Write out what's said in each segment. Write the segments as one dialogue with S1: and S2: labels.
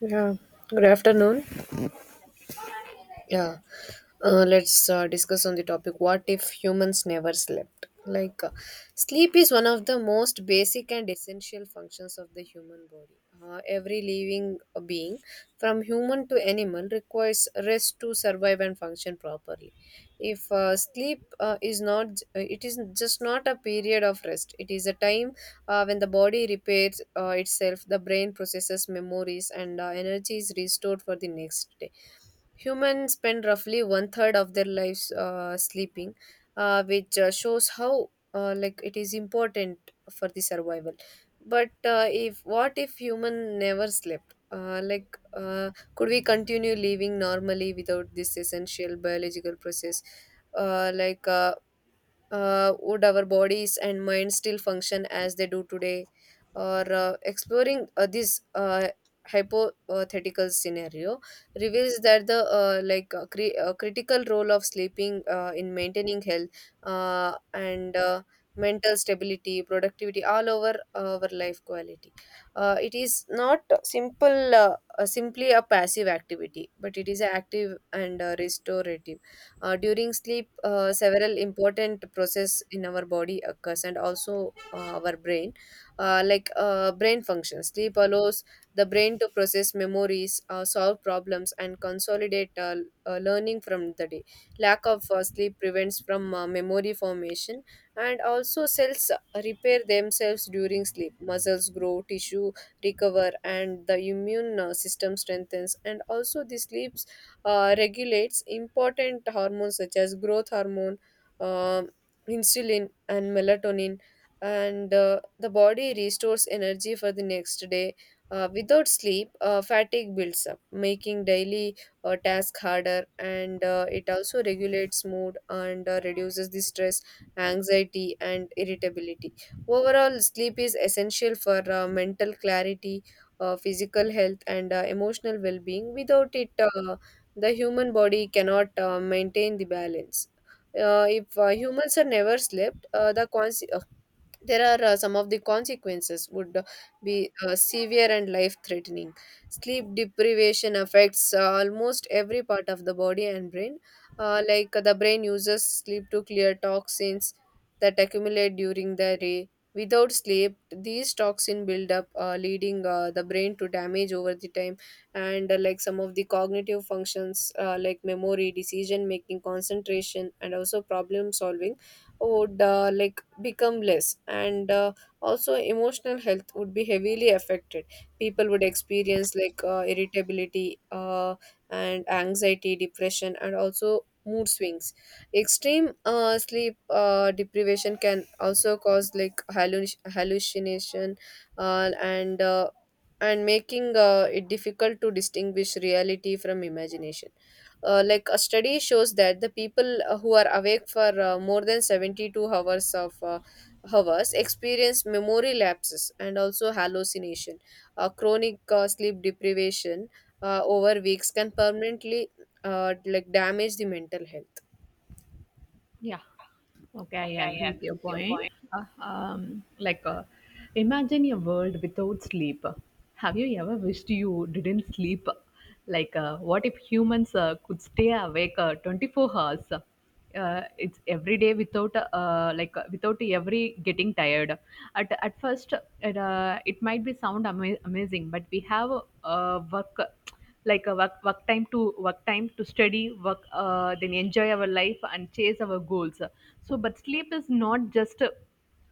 S1: Yeah. Good afternoon. Yeah. Let's discuss on the topic, what if humans never slept? Sleep is one of the most basic and essential functions of the human body. Every living being, from human to animal, requires rest to survive and function properly. If sleep is not, It is just not a period of rest, it is a time when the body repairs itself, the brain processes memories, and energy is restored for the next day. Humans spend roughly one third of their lives sleeping, which shows how it is important for the survival. But if what if human never slept? Could we continue living normally without this essential biological process? Uh, like, uh, would our bodies and minds still function as they do today, or exploring this hypothetical scenario reveals that the critical role of sleeping in maintaining health, and mental stability, productivity, all over our life quality. It is not simple simply a passive activity, but it is active and restorative. During sleep, several important process in our body occurs, and also our brain, brain function. Sleep allows the brain to process memories, solve problems, and consolidate learning from the day. Lack of sleep prevents from memory formation, and also cells repair themselves during sleep. Muscles grow, tissue recover, and the immune system strengthens. And also, the sleep regulates important hormones such as growth hormone, um insulin, and melatonin, and the body restores energy for the next day. Without sleep, fatigue builds up, making daily tasks harder, and it also regulates mood and reduces the stress, anxiety, and irritability. Overall, sleep is essential for mental clarity, physical health, and emotional well being. Without it, the human body cannot maintain the balance. If humans are never slept, there are some of the consequences would be severe and life threatening. Sleep deprivation affects almost every part of the body and brain. The brain uses sleep to clear toxins that accumulate during the day. Without sleep, these toxin build up, leading the brain to damage over the time. And some of the cognitive functions, memory, decision making, concentration, and also problem solving would become less. And also, emotional health would be heavily affected. People would experience irritability, and anxiety, depression, and also mood swings. Extreme sleep deprivation can also cause like hallucination, uh, and uh, and making it difficult to distinguish reality from imagination. A study shows that the people who are awake for more than 72 hours of hours experience memory lapses and also hallucination. Chronic sleep deprivation over weeks can permanently damage the mental health.
S2: Yeah, okay, I
S1: Okay,
S2: agree
S1: I
S2: with
S1: agree
S2: your
S1: with your
S2: point.
S1: point.
S2: Uh, um, like, uh, Imagine a world without sleep. Have you ever wished you didn't sleep? What if humans could stay awake 24 hours? It's every day without without every getting tired at first it might be sound amazing, but we have work, like a work time to study work, then enjoy our life and chase our goals. But sleep is not just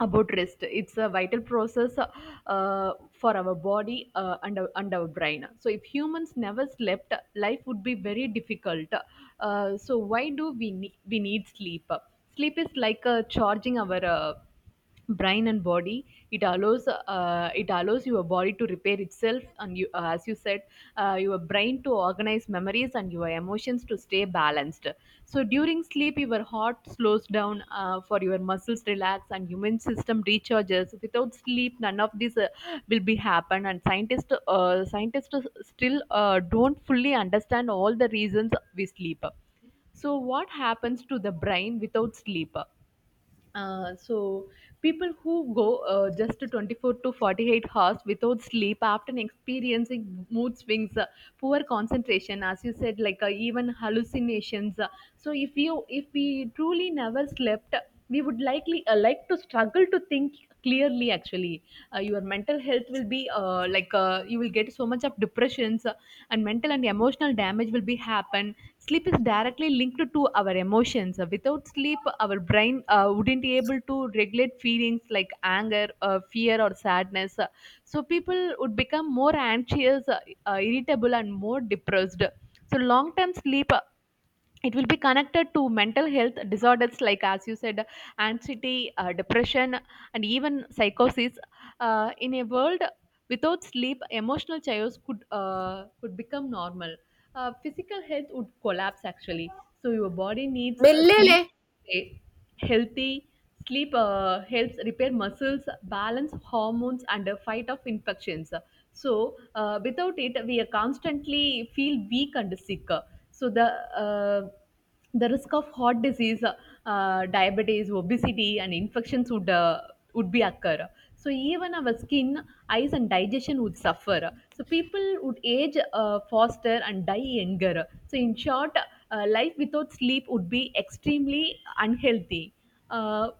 S2: about rest, it's a vital process for our body and our brain. So if humans never slept, life would be very difficult. So why do we need sleep? Sleep is like charging our brain and body. It allows your body to repair itself and you, as you said, your brain to organize memories and your emotions to stay balanced. So during sleep, your heart slows down, for your muscles relax and human system recharges. Without sleep, none of this will be happen. And scientists still don't fully understand all the reasons we sleep. So what happens to the brain without sleep? uh, so people who go just to 24 to 48 hours without sleep often experiencing mood swings, poor concentration, as you said, even hallucinations. So if we truly never slept, we would likely to struggle to think clearly, actually. Your mental health will be you will get so much of depressions, and mental and emotional damage will be happen. Sleep is directly linked to our emotions. Without sleep, our brain wouldn't be able to regulate feelings like anger, fear or sadness. So people would become more anxious, irritable and more depressed. So long term sleep, it will be connected to mental health disorders like, as you said, anxiety, depression and even psychosis. In a world without sleep, emotional chaos could become normal. Physical health would collapse, actually. So your body needs
S1: మెల్లెలే.
S2: sleep. Healthy sleep helps repair muscles, balance hormones and a fight off infections. So without it we are constantly feel weak and sick. So uh, the risk of heart disease, diabetes, obesity and infections would be occur. So even our skin, eyes and digestion would suffer, so people would age faster and die younger. So in short, life without sleep would be extremely unhealthy. Uh,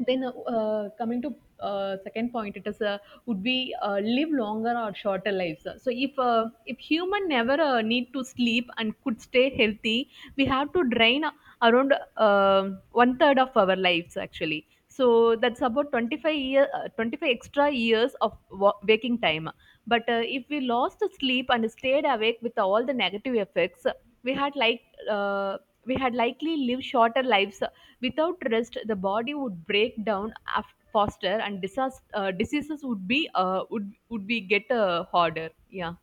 S2: then Coming to second point, it is would be live longer or shorter lives. So if human never need to sleep and could stay healthy, we have to drain around one third of our lives, actually. So that's about 25 extra years of waking time. But if we lost sleep and stayed awake with all the negative effects, we had like uh, we had likely lived shorter lives. Without rest, the body would break down faster and diseases would would be get harder, yeah.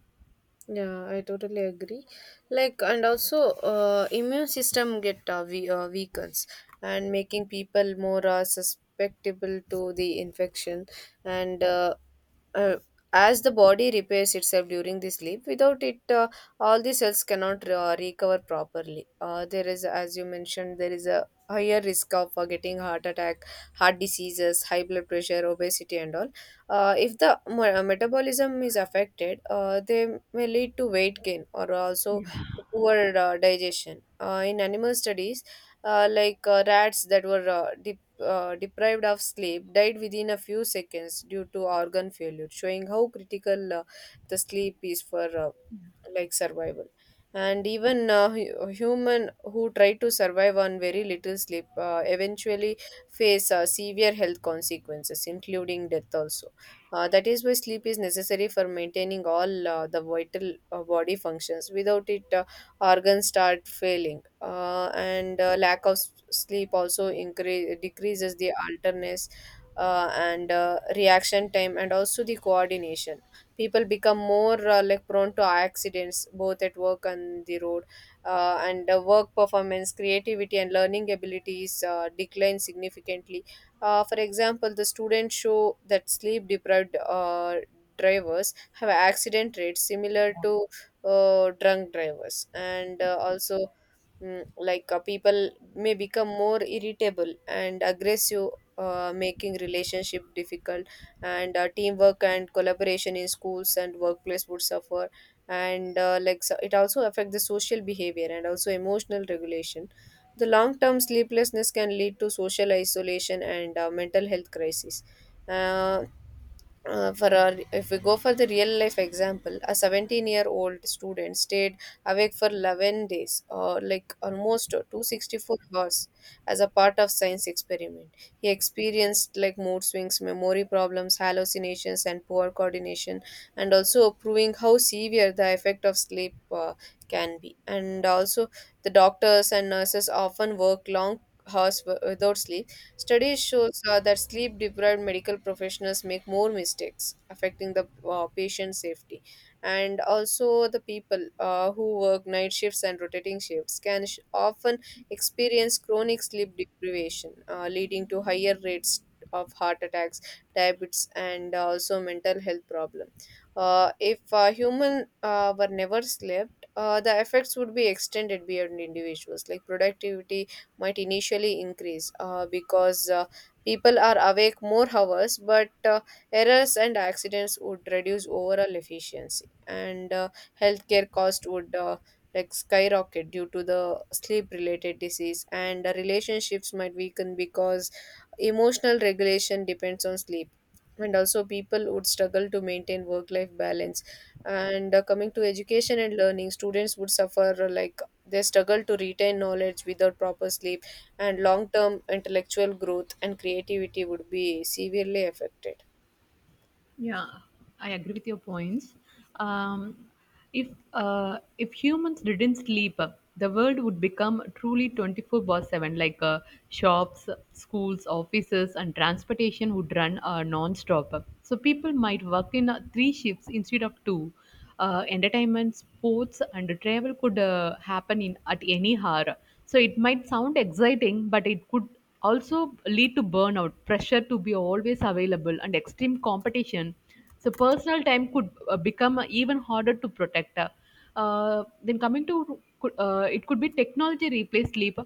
S1: Yeah, I totally agree. And also, immune system weakens and making people more susceptible to the infection. And uh, as the body repairs itself during the sleep, without it, all the cells cannot recover properly. There is, as you mentioned, there is a higher risk of getting heart attack, heart diseases, high blood pressure, obesity, and all. If the mo- metabolism is affected, they may lead to weight gain, or also
S2: Yeah,
S1: poor digestion. In animal studies, rats that were deprived of sleep died within a few seconds due to organ failure, showing how critical the sleep is for survival. And even human who try to survive on very little sleep eventually face severe health consequences, including death also. That is why sleep is necessary for maintaining all the vital body functions. Without it, organs start failing, and lack of sleep also increase decreases the alertness and reaction time, and also the coordination. People become more prone to accidents, both at work and the road, and work performance, creativity, and learning abilities decline significantly. For example, the students show that sleep deprived drivers have accident rates similar to drunk drivers, and also people may become more irritable and aggressive. Making relationship difficult, and teamwork and collaboration in schools and workplace would suffer, and so it also affect the social behavior and also emotional regulation. The long term sleeplessness can lead to social isolation and mental health crisis. Uh, if we go for the real life example, a 17-year-old student stayed awake for 11 days, or like almost 264 hours, as a part of science experiment. He experienced like mood swings, memory problems, hallucinations, and poor coordination, and also proving how severe the effect of sleep can be. And also, the doctors and nurses often work long hours without sleep. Studies shows that sleep-deprived medical professionals make more mistakes, affecting the patient safety. And also, the people who work night shifts and rotating shifts can often experience chronic sleep deprivation, leading to higher rates of heart attacks, diabetes, and also mental health problems. If human were never slept, the effects would be extended beyond individuals. Like productivity might initially increase because people are awake more hours, but errors and accidents would reduce overall efficiency, and healthcare cost would. Like skyrocket due to the sleep related disease, and relationships might weaken because emotional regulation depends on sleep, and also people would struggle to maintain work life balance. And coming to education and learning, students would suffer, they struggle to retain knowledge without proper sleep, and long term intellectual growth and creativity would be severely affected.
S2: Yeah, I agree with your points. Um, if if humans didn't sleep, the world would become truly 24 by 7. Shops, schools, offices, and transportation would run non-stop. So people might work in three shifts instead of two. Entertainment, sports, and travel could happen in at any hour. So it might sound exciting, but it could also lead to burnout, pressure to be always available, and extreme competition. So personal time could become even harder to protect. Then coming to it could be technology replace sleep.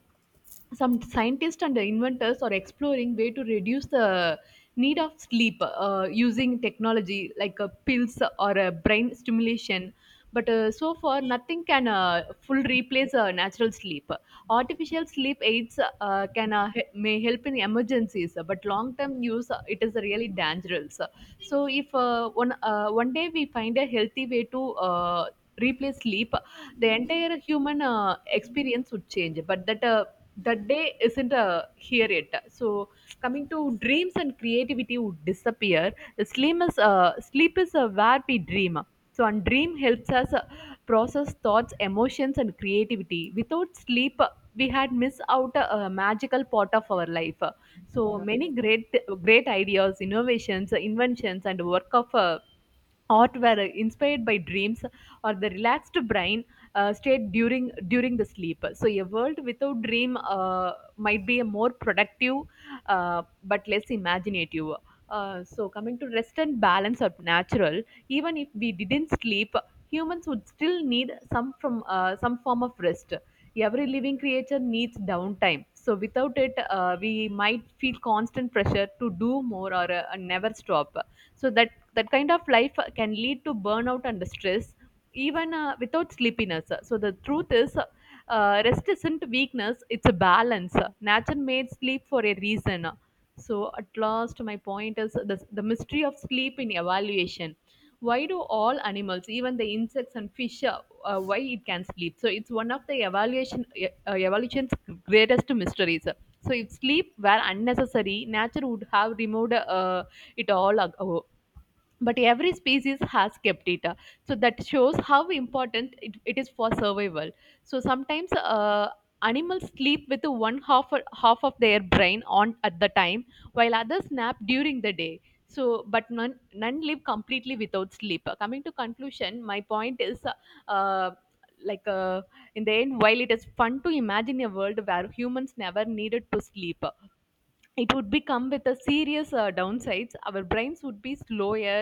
S2: Some scientists and inventors are exploring way to reduce the need of sleep using technology like pills or brain stimulation. But so far nothing can full replace natural sleep. Artificial sleep aids may help in emergencies, but long term use, it is really dangerous. So if one one day we find a healthy way to replace sleep, the entire human experience would change. But that day isn't here yet. So coming to dreams and creativity would disappear. Sleep is where we dream. And dream helps us process thoughts, emotions and creativity. Without sleep, we had missed out a magical part of our life. So many great ideas, innovations, inventions and work of art were inspired by dreams or the relaxed brain state during the sleep. So a world without dream might be a more productive but less imaginative. So coming to rest and balance are natural. Even if we didn't sleep, humans would still need some form of rest. Every living creature needs downtime, so without it we might feel constant pressure to do more or never stop. So that kind of life can lead to burnout and stress, even without sleepiness. So the truth is, rest isn't weakness, it's a balance. Nature made sleep for a reason. So at last, my point is the mystery of sleep in evaluation. Why do all animals, even the insects and fish, why it can sleep? So it's one of the evolution's greatest mysteries. So if sleep were unnecessary, nature would have removed it But every species has kept it, so that shows how important it is for survival. So sometimes animals sleep with one half of their brain on at the time, while others nap during the day. So but none live completely without sleep. Coming to conclusion, my point is uh, like uh, in the end, while it is fun to imagine a world where humans never needed to sleep, it would become with a serious downsides. Our brains would be slower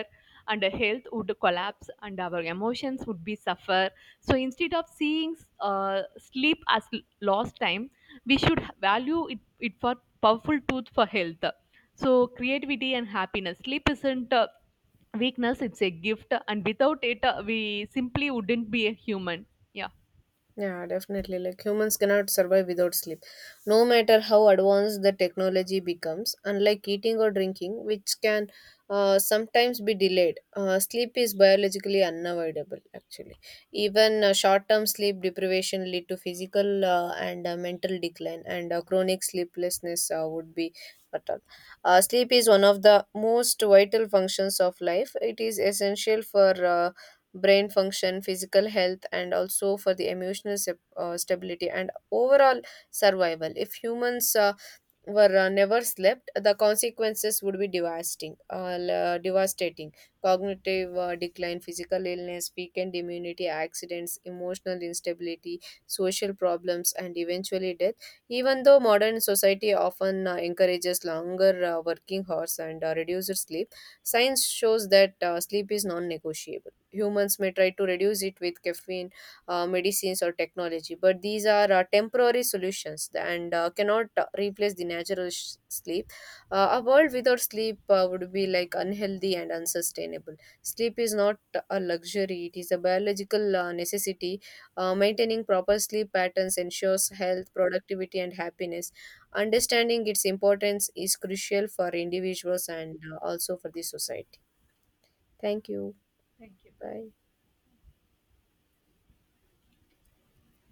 S2: and our health would collapse and our emotions would be suffer. So instead of seeing sleep as lost time, we should value it for powerful tooth for health. So creativity and happiness, sleep isn't a weakness, it's a gift. And without it we simply wouldn't be a human. Yeah.
S1: Yeah, definitely. Like humans cannot survive without sleep. No matter how advanced the technology becomes, unlike eating or drinking, which can sometimes be delayed, sleep is biologically unavoidable, actually. Even short term sleep deprivation lead to physical and mental decline, and chronic sleeplessness would be fatal. Sleep is one of the most vital functions of life. It is essential for brain function, physical health, and also for the emotional stability and overall survival. If humans were never slept, the consequences would be devastating. Devastating cognitive decline, physical illness, weakened immunity, accidents, emotional instability, social problems, and eventually death. Even though modern society often encourages longer working hours and reduced sleep, science shows that sleep is non-negotiable. Humans may try to reduce it with caffeine, medicines, or technology, but these are temporary solutions and cannot replace the natural sleep. A world without sleep would be like unhealthy and unsustainable. Sleep is not a luxury, it is a biological necessity. Maintaining proper sleep patterns ensures health, productivity, and happiness. Understanding its importance is crucial for individuals and also for the society. Thank you.
S2: Thank you.
S1: Bye.